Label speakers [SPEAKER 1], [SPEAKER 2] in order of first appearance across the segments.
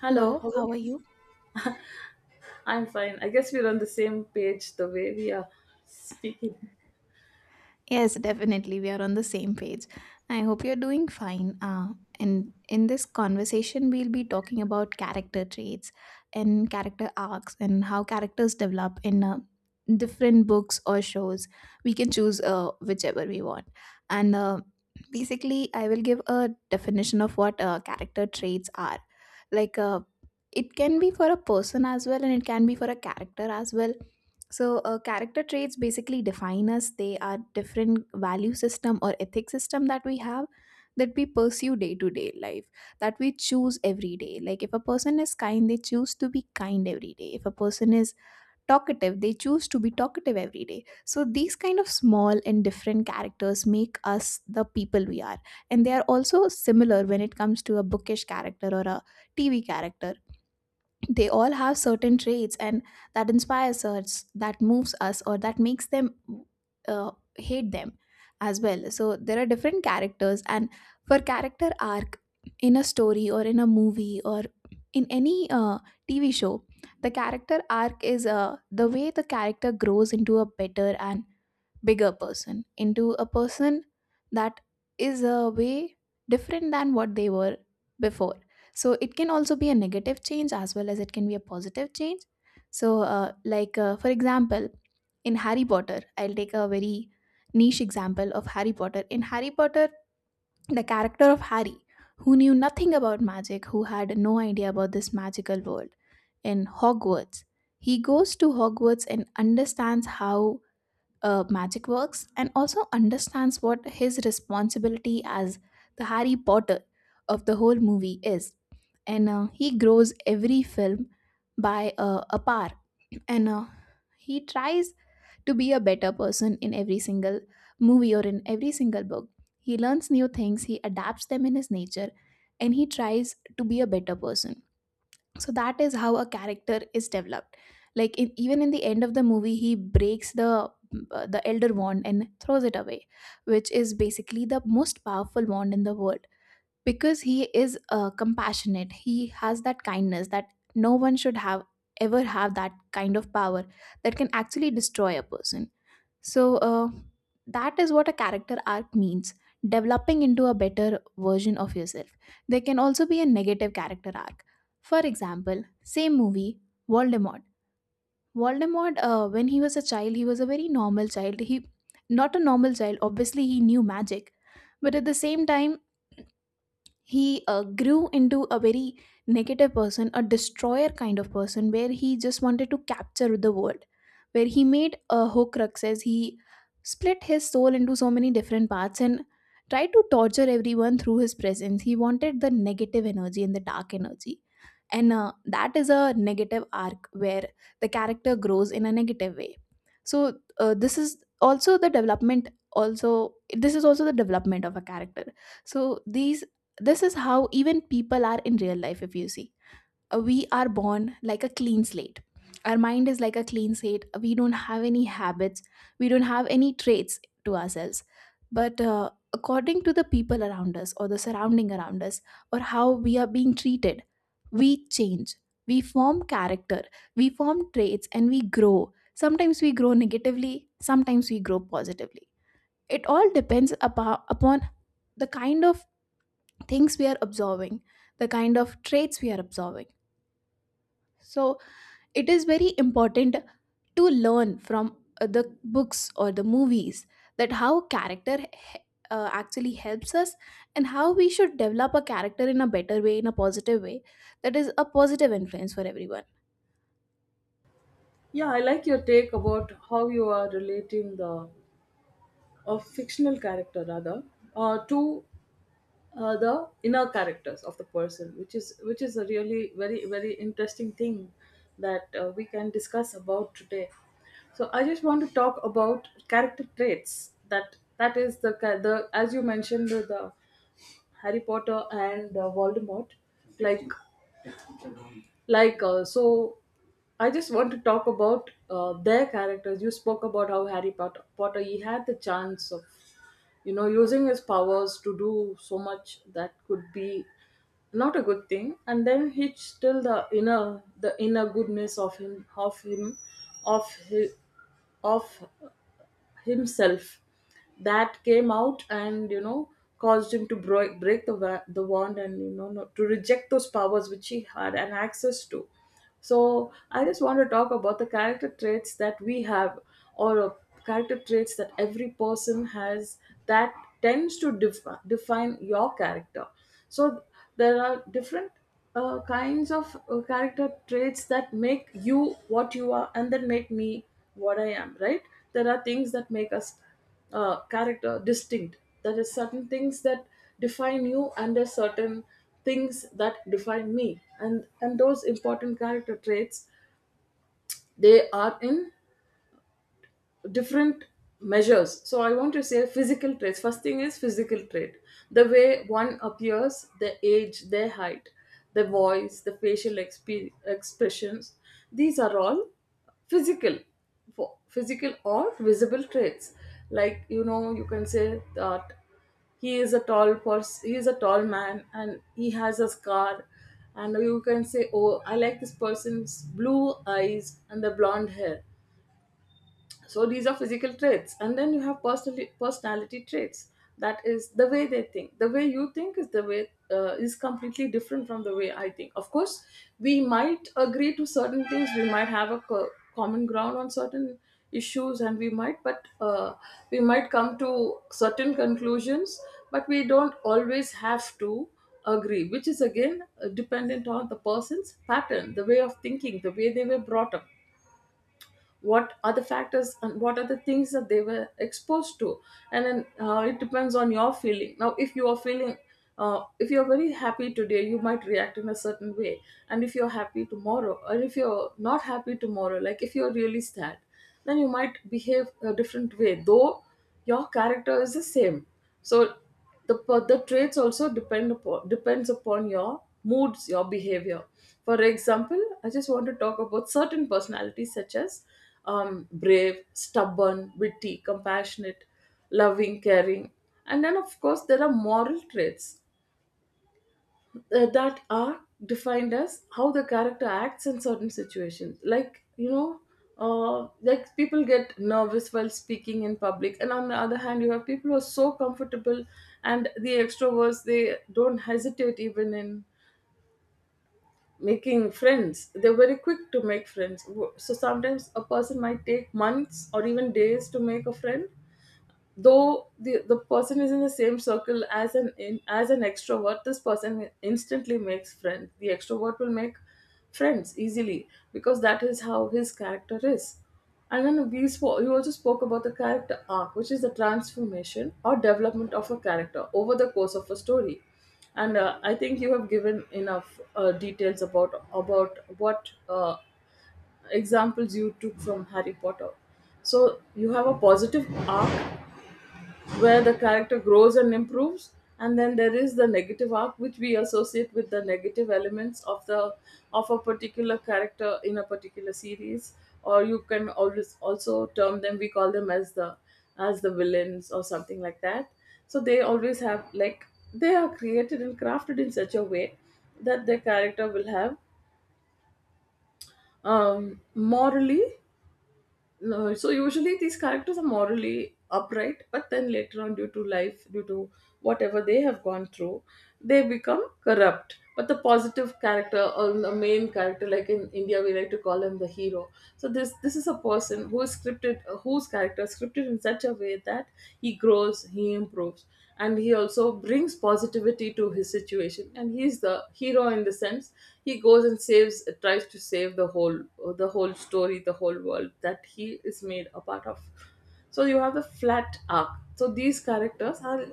[SPEAKER 1] Hello,
[SPEAKER 2] Hello,
[SPEAKER 1] how are
[SPEAKER 2] how are
[SPEAKER 1] you?
[SPEAKER 2] you?
[SPEAKER 1] I'm fine. I guess we're on the same page the way we are speaking.
[SPEAKER 2] Yes, definitely. We are on the same page. I hope you're doing fine. And in this conversation, we'll be talking about character traits and character arcs and how characters develop in different books or shows. We can choose whichever we want. And basically, I will give a definition of what character traits are. Like, uh, it can be for a person as well, and it can be for a character as well. Character traits basically define us. They are different value system or ethic system that we have, that we pursue day to day life, that we choose every day. Like if a person is kind, they choose to be kind every day. If a person is talkative, they choose to be talkative every day. So these kind of small and different characters make us the people we are, and they are also similar when it comes to a bookish character or a TV character. They all have certain traits, and that inspires us, that moves us, or that makes them uh, hate them as well. So there are different characters, and for character arc in a story or in a movie or in any TV show, the character arc is the way the character grows into a better and bigger person, into a person that is a way different than what they were before. So it can also be a negative change as well as it can be a positive change. For example, in Harry Potter, I'll take a very niche example of Harry Potter. In Harry Potter, the character of Harry, who knew nothing about magic, who had no idea about this magical world, in Hogwarts, he goes to Hogwarts and understands how magic works, and also understands what his responsibility as the Harry Potter of the whole movie is. And he grows every film by a par. And he tries to be a better person in every single movie or in every single book. He learns new things, he adapts them in his nature, and he tries to be a better person. So that is how a character is developed. Like in, even in the end of the movie, he breaks the elder wand and throws it away, which is basically the most powerful wand in the world, because he is compassionate, he has that kindness that no one should have ever have that kind of power that can actually destroy a person. so uh, that is what a character arc means: developing into a better version of yourself. There can also be a negative character arc. For example, same movie, Voldemort. Voldemort, when he was a child, he was a very normal child. He, not a normal child, obviously, he knew magic. But at the same time, he grew into a very negative person, a destroyer kind of person, where he just wanted to capture the world, where he made Horcruxes. He split his soul into so many different parts and tried to torture everyone through his presence. He wanted the negative energy and the dark energy. And that is a negative arc where the character grows in a negative way. So, this is also the development, also, this is also the development of a character. So these, this is how even people are in real life, if you see. We are born like a clean slate. Our mind is like a clean slate. We don't have any habits, we don't have any traits to ourselves. But according to the people around us, or the surrounding around us, or how we are being treated, we change. We form character, we form traits, and we grow. Sometimes we grow negatively, sometimes we grow positively. It all depends upon the kind of things we are absorbing, the kind of traits we are absorbing. So it is very important to learn from the books or the movies, that how character actually helps us, and how we should develop a character in a better way, in a positive way, that is a positive influence for everyone.
[SPEAKER 1] Yeah, I like your take about how you are relating the a fictional character rather to the inner characters of the person, which is a really very interesting thing that we can discuss about today. So I just want to talk about character traits. That is the as you mentioned the Harry Potter and Voldemort. Like like, I just want to talk about their characters. You spoke about how Harry Potter, he had the chance of, you know, using his powers to do so much that could be not a good thing, and then he still, the inner goodness of his of himself, that came out and, you know, caused him to break the the wand and, you know, to reject those powers which he had and access to. So I just want to talk about the character traits that we have, or character traits that every person has, that tends to define your character. So there are different kinds of character traits that make you what you are and that make me what I am, right? There are things that make us character distinct. There are certain things that define you and there are certain things that define me. And those important character traits, they are in different measures. So I want to say physical traits. First thing is physical trait, the way one appears, their age, their height, their voice, the facial expressions. These are all physical, for physical or visible traits. Like, you know, you can say that he is a tall person, he is a tall man and he has a scar. And you can say, oh, I like this person's blue eyes and the blonde hair. So these are physical traits. And then you have personality traits. That is the way they think. The way you think is the way, is completely different from the way I think. Of course, we might agree to certain things, we might have a common ground on certain issues, and we might, but we might come to certain conclusions, but we don't always have to agree, which is again dependent on the person's pattern, the way of thinking, the way they were brought up, what are the factors and what are the things that they were exposed to. And then it depends on your feeling. Now if you are feeling, if you're very happy today, you might react in a certain way. And if you're happy tomorrow or if you're not happy tomorrow, like if you're really sad, then you might behave a different way, though your character is the same. So the traits also depends upon your moods, your behavior. For example, I just want to talk about certain personalities such as brave, stubborn, witty, compassionate, loving, caring. And then of course there are moral traits, that are defined as how the character acts in certain situations. Like, you know, like people get nervous while speaking in public, and on the other hand you have people who are so comfortable. And the extroverts, they don't hesitate even in making friends, they're very quick to make friends. So sometimes a person might take months or even days to make a friend, though the person is in the same circle. As as an extrovert, this person instantly makes friends, the extrovert will make friends easily because that is how his character is. And then we spoke, you also spoke about the character arc, which is the transformation or development of a character over the course of a story. And I think you have given enough details about what examples you took from Harry Potter. So you have a positive arc where the character grows and improves. And then there is the negative arc which we associate with the negative elements of the of a particular character in a particular series. Or you can always, also term them, we call them as the villains or something like that. So they always have, like, they are created and crafted in such a way that their character will have, morally, no, so usually these characters are morally upright, but then later on, due to life, due to whatever they have gone through, they become corrupt. But the positive character or the main character, like in India, we like to call him the hero. So this is a person who is scripted, whose character is scripted in such a way that he grows, he improves, and he also brings positivity to his situation. And he's the hero in the sense he goes and saves, tries to save the whole, the whole story the whole world that he is made a part of. So you have the flat arc. So these characters are,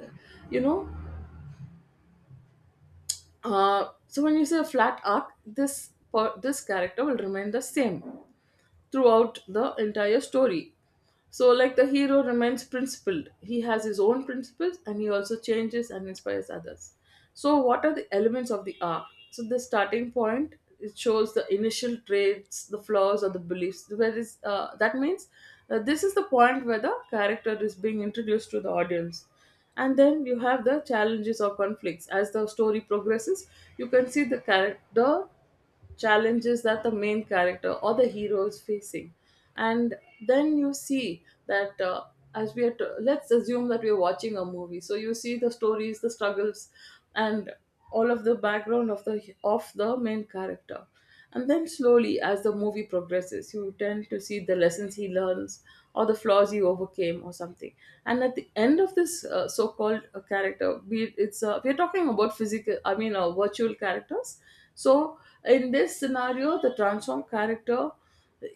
[SPEAKER 1] you know, so when you say a flat arc, this character will remain the same throughout the entire story. So, like the hero remains principled. He has his own principles and he also changes and inspires others. So, what are the elements of the arc? So, the starting point, it shows the initial traits, the flaws, or the beliefs. Where is That means this is the point where the character is being introduced to the audience. And then you have the challenges or conflicts. As the story progresses, you can see the character challenges that the main character or the hero is facing. And then you see that, as we are t- let's assume that we are watching a movie. So you see the stories, the struggles, and all of the background of the main character. And then slowly as the movie progresses you tend to see the lessons he learns, or the flaws he overcame or something. And at the end of this so-called character, we're talking about physical, I mean virtual characters. So in this scenario, the transformed character,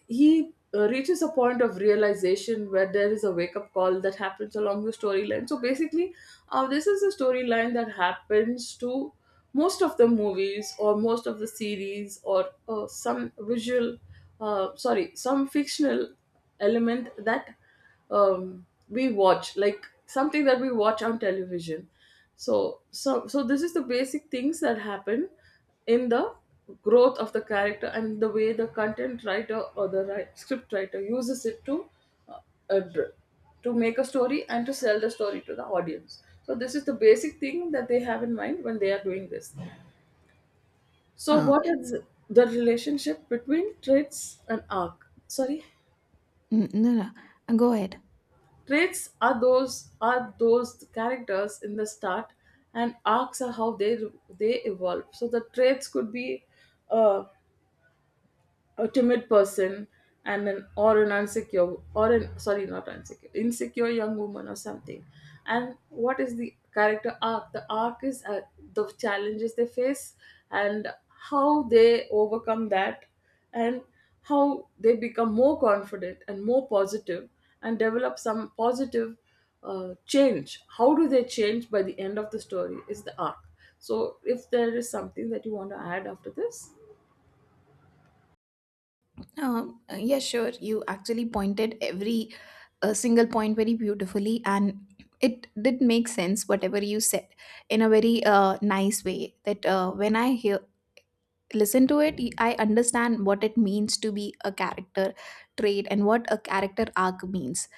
[SPEAKER 1] he reaches a point of realization where there is a wake up call that happens along the storyline. So basically, this is a storyline that happens to most of the movies or most of the series or some visual, sorry, some fictional element that we watch, like something that we watch on television. So so this is the basic things that happen in the growth of the character and the way the content writer or the script writer uses it to uh, dr- to make a story and to sell the story to the audience. So this is the basic thing that they have in mind when they are doing this. So
[SPEAKER 2] Uh,
[SPEAKER 1] what is the relationship between traits and arc? Sorry,
[SPEAKER 2] no, no, go ahead.
[SPEAKER 1] traits are those characters in the start, and arcs are how they evolve. So the traits could be uh, a timid person and an insecure, or an sorry not insecure insecure young woman or something. And what is the character arc? The arc is the challenges they face, and how they overcome that, and how they become more confident and more positive, and develop some positive change. How do they change by the end of the story is the arc. So if there is something that you want to add after this.
[SPEAKER 2] Yeah, sure. You actually pointed every single point very beautifully, and it did make sense whatever you said in a very nice way. That when I hear listen to it, I understand what it means to be a character trait and what a character arc means.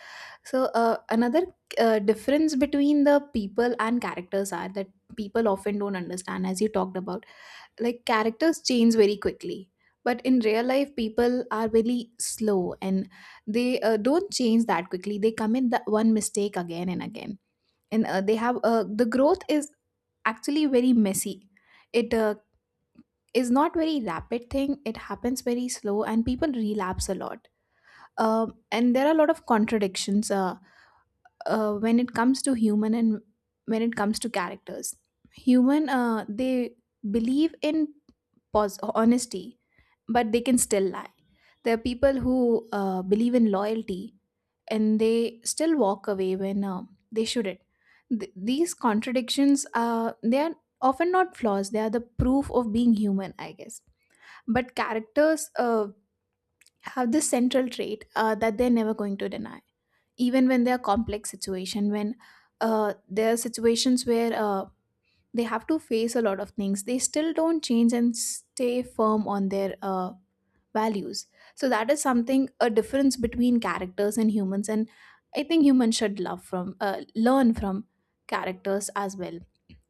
[SPEAKER 2] Another difference between the people and characters are that people often don't understand, as you talked about, like characters change very quickly, but in real life people are really slow, and they don't change that quickly. They commit the one mistake again and again, and they have, the growth is actually very messy. It is not very rapid thing, it happens very slow and people relapse a lot. And there are a lot of contradictions, when it comes to human and when it comes to characters. Human they believe in honesty, but they can still lie. There are people who believe in loyalty, and they still walk away when they shouldn't. These contradictions, they are often not flaws, they are the proof of being human, I guess. But characters, have this central trait, that they're never going to deny, even when they're complex situation, when there are situations where they have to face a lot of things, they still don't change and stay firm on their values. So that is something a difference between characters and humans. And I think humans should love from learn from characters as well.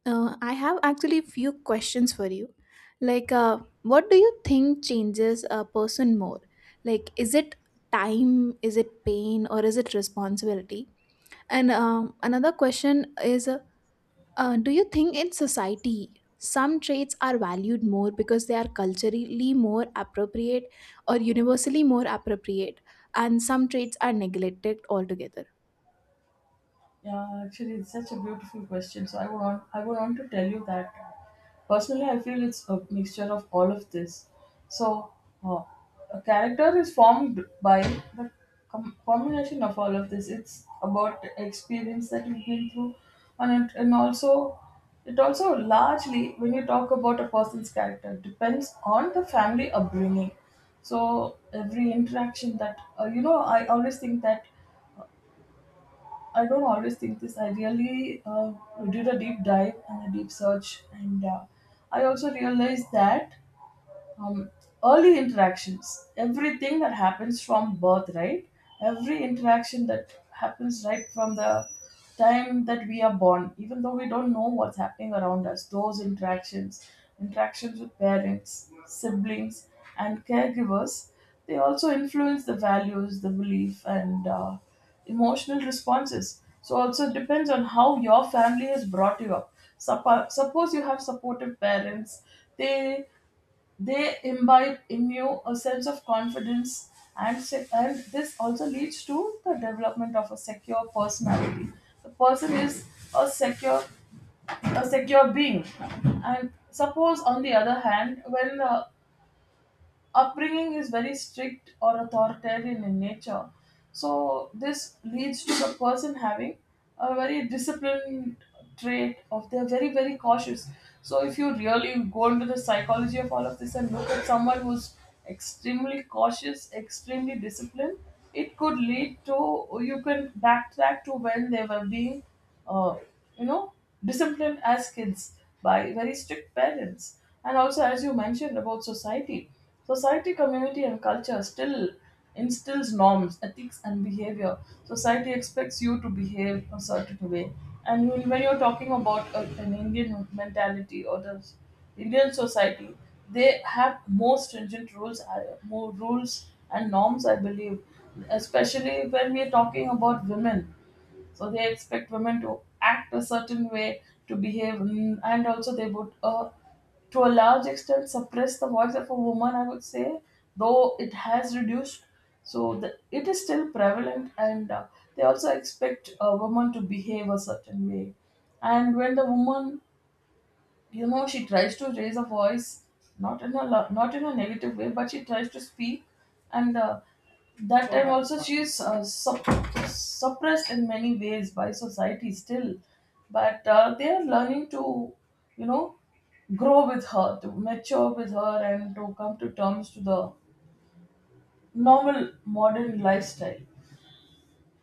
[SPEAKER 2] I have actually few questions for you. like uh, what do you think changes a person more? Like is it time, is it pain, or is it responsibility? And another question is do you think in society some traits are valued more because they are culturally more appropriate or universally more appropriate, and some traits are neglected altogether?
[SPEAKER 1] Yeah, actually, it's such a beautiful question. So I would want to tell you that, personally, I feel it's a mixture of all of this. So uh, a character is formed by the combination of all of this. It's about experience that you've been through, and and also it also largely, when you talk about a person's character, depends on the family upbringing. So every interaction that, you know, I don't always think this. I really did a deep dive and a deep search, and I also realized that um, early interactions, everything that happens from birth, right, every interaction that happens right from the time that we are born, even though we don't know what's happening around us, those interactions with parents, siblings, and caregivers, they also influence the values, the belief, and emotional responses. So also it depends on how your family has brought you up. Suppose you have supportive parents, they they imbibe in you a sense of confidence, and this also leads to the development of a secure personality. The person is a secure a secure being. And suppose on the other hand when upbringing is very strict or authoritarian in nature. So this leads to the person having a very disciplined trait of they're very cautious. So if you really go into the psychology of all of this and look at someone who's extremely cautious, extremely disciplined, it could lead to you can backtrack to when they were being uh, you know, disciplined as kids by very strict parents. And also, as you mentioned about society, society, community, and culture still instills norms, ethics, and behavior. Society expects you to behave a certain way. And when you're talking about an Indian mentality or the Indian society, they have more stringent rules, more rules and norms, I believe, especially when we're talking about women. So they expect women to act a certain way, to behave, and also they would to a large extent suppress the voice of a woman, I would say, though it has reduced. So it is still prevalent. And they also expect a woman to behave a certain way. And when the woman, you know, she tries to raise a voice, not in a negative way, but she tries to speak. And that time also she is suppressed in many ways by society still, but they are learning to, you know, grow with her, to mature with her, and to come to terms to the normal modern lifestyle.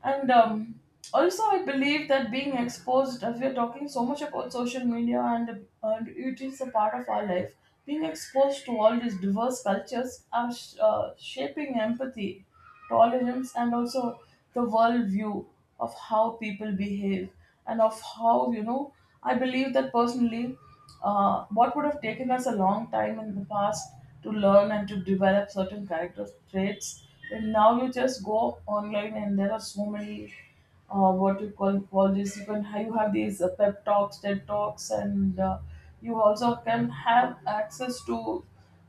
[SPEAKER 1] And also, I believe that being exposed, as we are talking so much about social media, and it is a part of our life, being exposed to all these diverse cultures are shaping empathy, tolerance, and also the world view of how people behave, and of how, you know, I believe that personally what would have taken us a long time in the past to learn and to develop certain character traits, and now you just go online and there are so many what you call all these, you can you have these pep talks, ted talks, and you also can have access to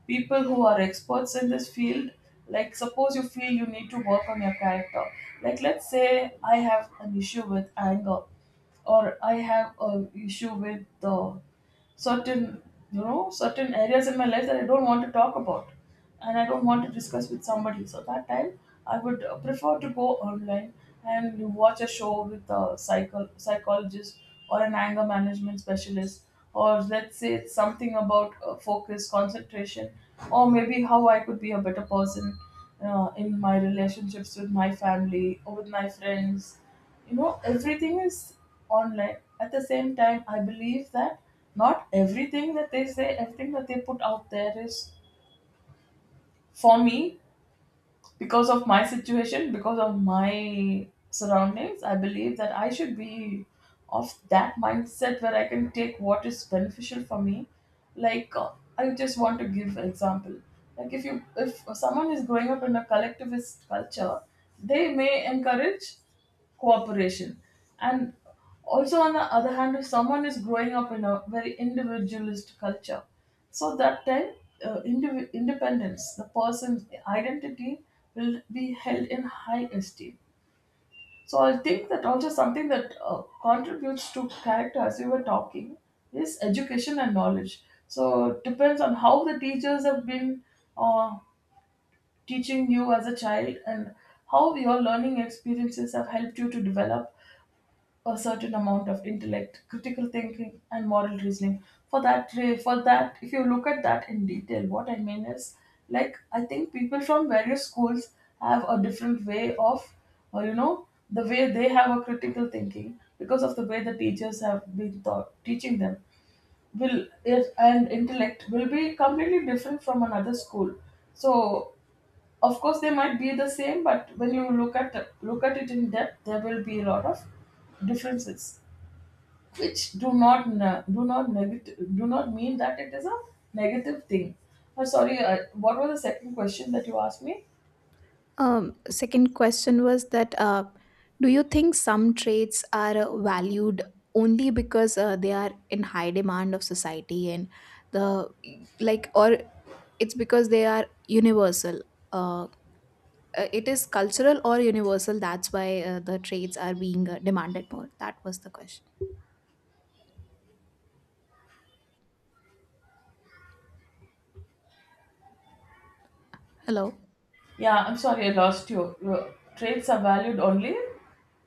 [SPEAKER 1] people who are experts in this field. Like suppose you feel you need to work on your character, like let's say I have an issue with anger, or I have an issue with uh, certain, you know, certain areas in my life that I don't want to talk about and I don't want to discuss with somebody. So that time I would prefer to go online and you watch a show with a psychologist or an anger management specialist, or let's say it's something about focus, concentration, or maybe how I could be a better person in my relationships with my family or with my friends. You know, everything is online. At the same time, I believe that not everything that they say, everything that they put out there, is for me. Because of my situation, because of my surroundings, I believe that I should be of that mindset where I can take what is beneficial for me. like uh, I just want to give an example. Like if you if someone is growing up in a collectivist culture, they may encourage cooperation. And also on the other hand, if someone is growing up in a very individualist culture, so that time independence, the person's identity will be held in high esteem. So I think that also something that contributes to character, as we were talking, is education and knowledge. So it depends on how the teachers have been uh, teaching you as a child, and how your learning experiences have helped you to develop a certain amount of intellect, critical thinking, and moral reasoning. For that, if you look at that in detail, what I mean is, like, I think people from various schools have a different way of, the way they have a critical thinking, because of the way the teachers have been taught, teaching them, will is and intellect will be completely different from another school. So of course they might be the same, but when you look at it in depth, there will be a lot of differences which do not mean that it is a negative thing. Sorry, what was the second question that you asked me?
[SPEAKER 2] Second question was that do you think some traits are valued only because they are in high demand of society and the, like, or it's because they are universal? Uh, it is cultural or universal, that's why the traits are being demanded more, that was the question. Hello?
[SPEAKER 1] Yeah, I'm sorry, I lost you. Your traits are valued only.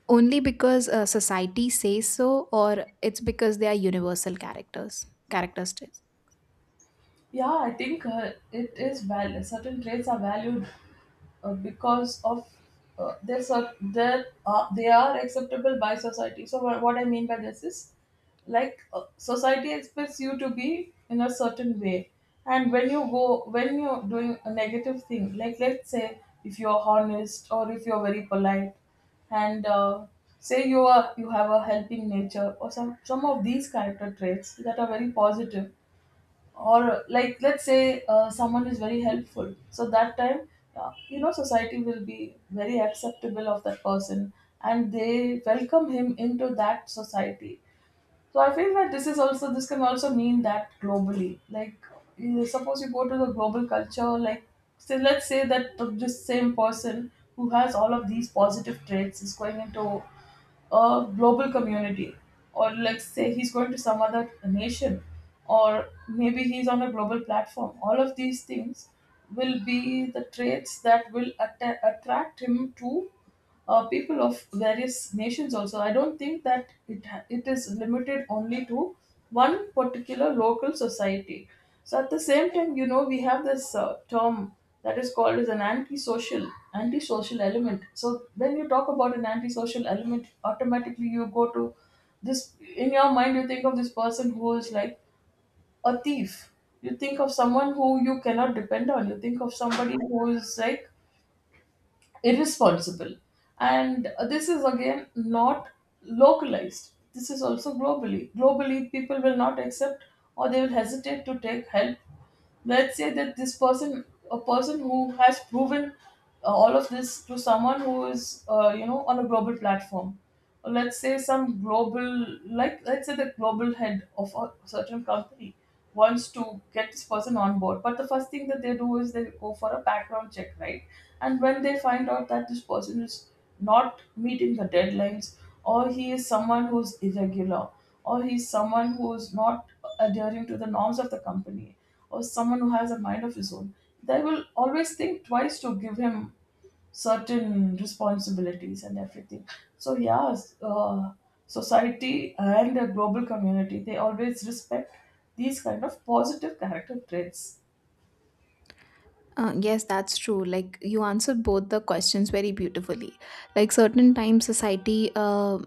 [SPEAKER 2] Only because society says so, or it's because they are universal characters, characteristics?
[SPEAKER 1] Yeah, I think certain traits are valued because of their cer- their they are acceptable by society. So what I mean by this is society expects you to be in a certain way, and when you go when you're doing a negative thing, like let's say if you're honest or if you're very polite, and say you have a helping nature, or some of these character traits that are very positive. Or like let's say someone is very helpful, so that time you know, society will be very acceptable of that person and they welcome him into that society. So I feel that this is also this can also mean that globally, suppose you go to the global culture. Let's say that this same person who has all of these positive traits is going into a global community, or let's say he's going to some other nation, or maybe he's on a global platform. All of these things will be the traits that will attract him to people of various nations. Also I don't think that it is limited only to one particular local society. So at the same time, you know, we have this term that is called as an antisocial, antisocial element. So when you talk about an antisocial element, automatically you go to this, in your mind you think of this person who is like a thief, you think of someone who you cannot depend on, you think of somebody who is like irresponsible. And this is again not localized. This is also globally. Globally, people will not accept or they will hesitate to take help. Let's say that this person, a person who has proven all of this to someone who is you know, on a global platform. Or let's say some global, like let's say the global head of a certain company wants to get this person on board, but the first thing that they do is they go for a background check, right? And when they find out that this person is not meeting the deadlines, or he is someone who's irregular, or he's someone who's not adhering to the norms of the company, or someone who has a mind of his own, they will always think twice to give him certain responsibilities and everything. So, yeah, uh, society and the global community, they always respect these kind of positive character traits.
[SPEAKER 2] Yes, that's true. Like, you answered both the questions very beautifully. Like certain times society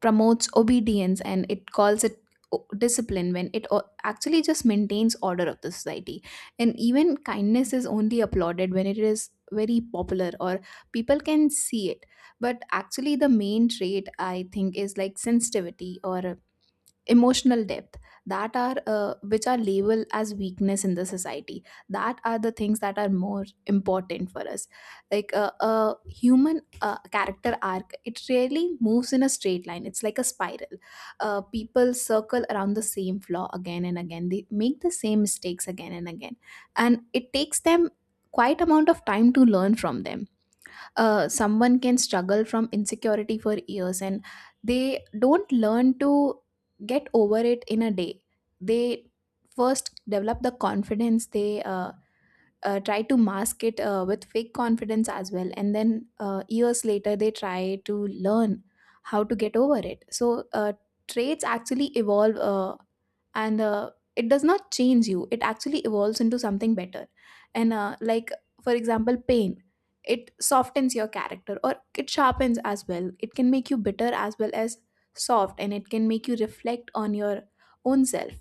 [SPEAKER 2] promotes obedience and it calls it discipline, when it actually just maintains order of the society. And even kindness is only applauded when it is very popular or people can see it. But actually the main trait, I think, is like sensitivity or emotional depth, that are which are labeled as weakness in the society, that are the things that are more important for us. Like a human character arc, it really moves in a straight line, it's like a spiral. People circle around the same flaw again and again, they make the same mistakes again and again, and it takes them quite amount of time to learn from them. Someone can struggle from insecurity for years, and they don't learn to get over it in a day. They first develop the confidence, they try to mask it with fake confidence as well, and then years later they try to learn how to get over it. Traits actually evolve, and it does not change you, it actually evolves into something better. And uh, like for example, pain, it softens your character or it sharpens as well. It can make you bitter as well as soft, and it can make you reflect on your own self.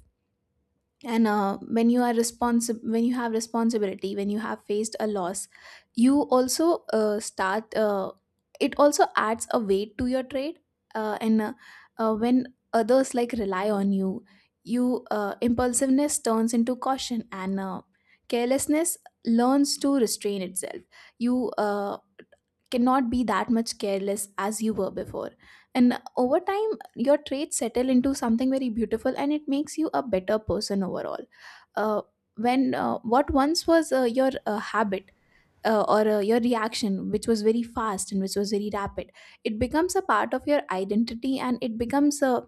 [SPEAKER 2] And when you are responsible, when you have responsibility, when you have faced a loss, you also start it also adds a weight to your trade. And when others like rely on you, you impulsiveness turns into caution, and carelessness learns to restrain itself. You cannot be that much careless as you were before. And over time, your traits settle into something very beautiful and it makes you a better person overall. Uh, when what once was your habit or your reaction, which was very fast and which was very rapid, it becomes a part of your identity and it becomes a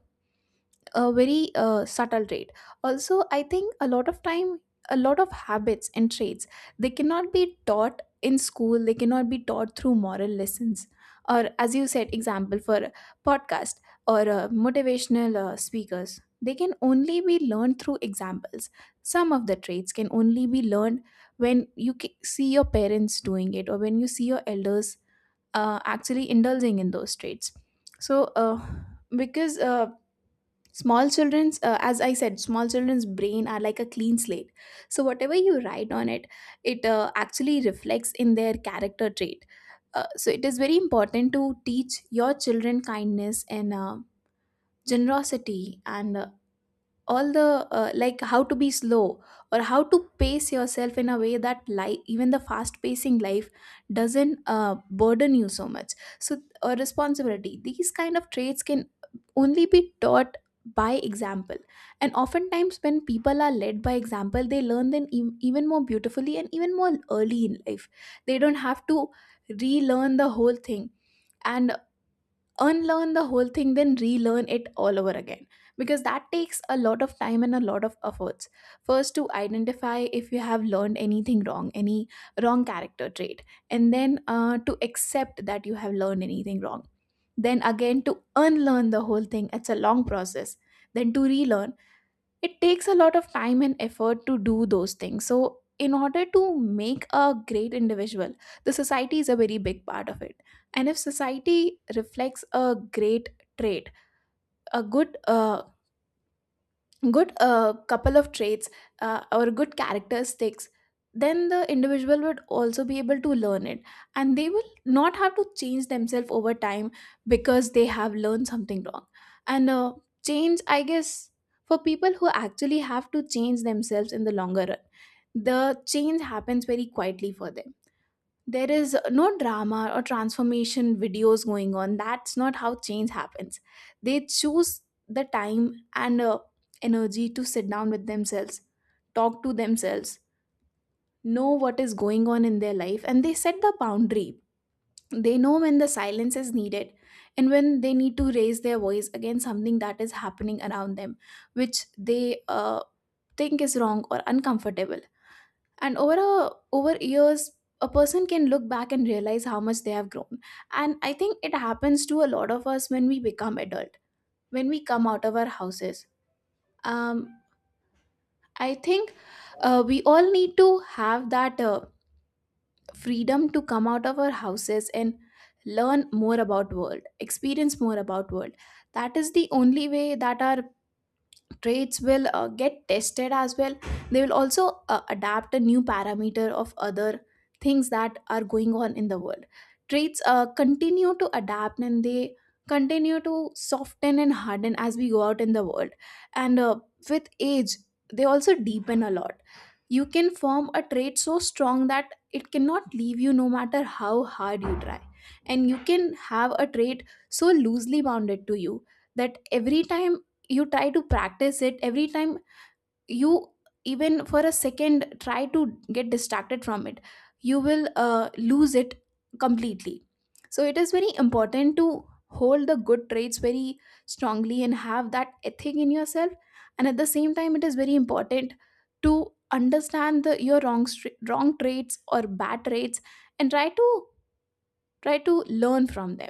[SPEAKER 2] a very subtle trait. Also, I think a lot of time, a lot of habits and traits, they cannot be taught in school, they cannot be taught through moral lessons or, as you said, example for podcast or motivational speakers. They can only be learned through examples. Some of the traits can only be learned when you see your parents doing it, or when you see your elders actually indulging in those traits. So because small children's, as I said, small children's brain are like a clean slate, so whatever you write on it, it actually reflects in their character trait. So it is very important to teach your children kindness and generosity, and all the like how to be slow or how to pace yourself in a way that life, even the fast pacing life, doesn't burden you so much. So responsibility, these kind of traits can only be taught by example. And oftentimes, when people are led by example, they learn them even more beautifully and even more early in life. They don't have to relearn the whole thing and unlearn the whole thing, then relearn it all over again, because that takes a lot of time and a lot of efforts. First, to identify if you have learned anything wrong, any wrong character trait, and then to accept that you have learned anything wrong, then again to unlearn the whole thing, it's a long process. Then to relearn, it takes a lot of time and effort to do those things. So in order to make a great individual, the society is a very big part of it. And if society reflects a great trait, a good good couple of traits or good characteristics, then the individual would also be able to learn it, and they will not have to change themselves over time because they have learned something wrong. And change, I guess, for people who actually have to change themselves in the longer run, the change happens very quietly for them. There is no drama or transformation videos going on. That's not how change happens. They choose the time and energy to sit down with themselves, talk to themselves, know what is going on in their life, and they set the boundary. They know when the silence is needed and when they need to raise their voice against something that is happening around them which they think is wrong or uncomfortable. And over years, a person can look back and realize how much they have grown. And I think it happens to a lot of us when we become adult, when we come out of our houses. um, I think we all need to have that freedom to come out of our houses and learn more about world, experience more about world. That is the only way that our traits will get tested as well. They will also adapt a new parameter of other things that are going on in the world. Traits continue to adapt, and they continue to soften and harden as we go out in the world. And with age, they also deepen a lot. You can form a trait so strong that it cannot leave you no matter how hard you try, and you can have a trait so loosely bounded to you that every time you try to practice it, every time you, even for a second, try to get distracted from it, you will lose it completely. So it is very important to hold the good traits very strongly and have that ethic in yourself. And at the same time, it is very important to understand your wrong traits or bad traits, and try to try to learn from them.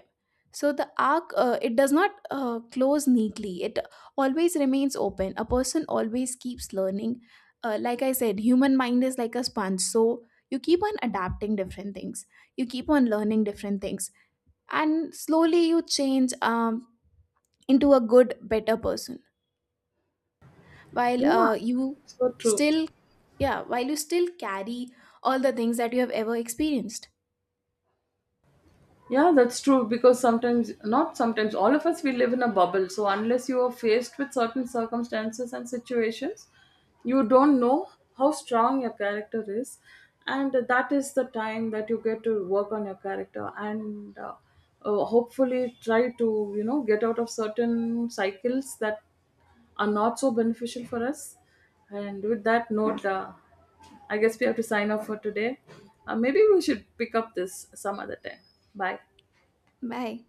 [SPEAKER 2] So the arc, it does not close neatly. It always remains open. A person always keeps learning. Like I said, human mind is like a sponge, so you keep on adapting different things, you keep on learning different things. And slowly you change into a good better person, while
[SPEAKER 1] Yeah,
[SPEAKER 2] you
[SPEAKER 1] so true.
[SPEAKER 2] still. Yeah, while you still carry all the things that you have ever experienced.
[SPEAKER 1] Yeah, that's true, because sometimes, not sometimes, all of us we live in a bubble. So unless you are faced with certain circumstances and situations, you don't know how strong your character is, and that is the time that you get to work on your character. And hopefully try to, you know, get out of certain cycles that are not so beneficial for us. And with that note, I guess we have to sign off for today. Maybe we should pick up this some other time. Bye.
[SPEAKER 2] Bye.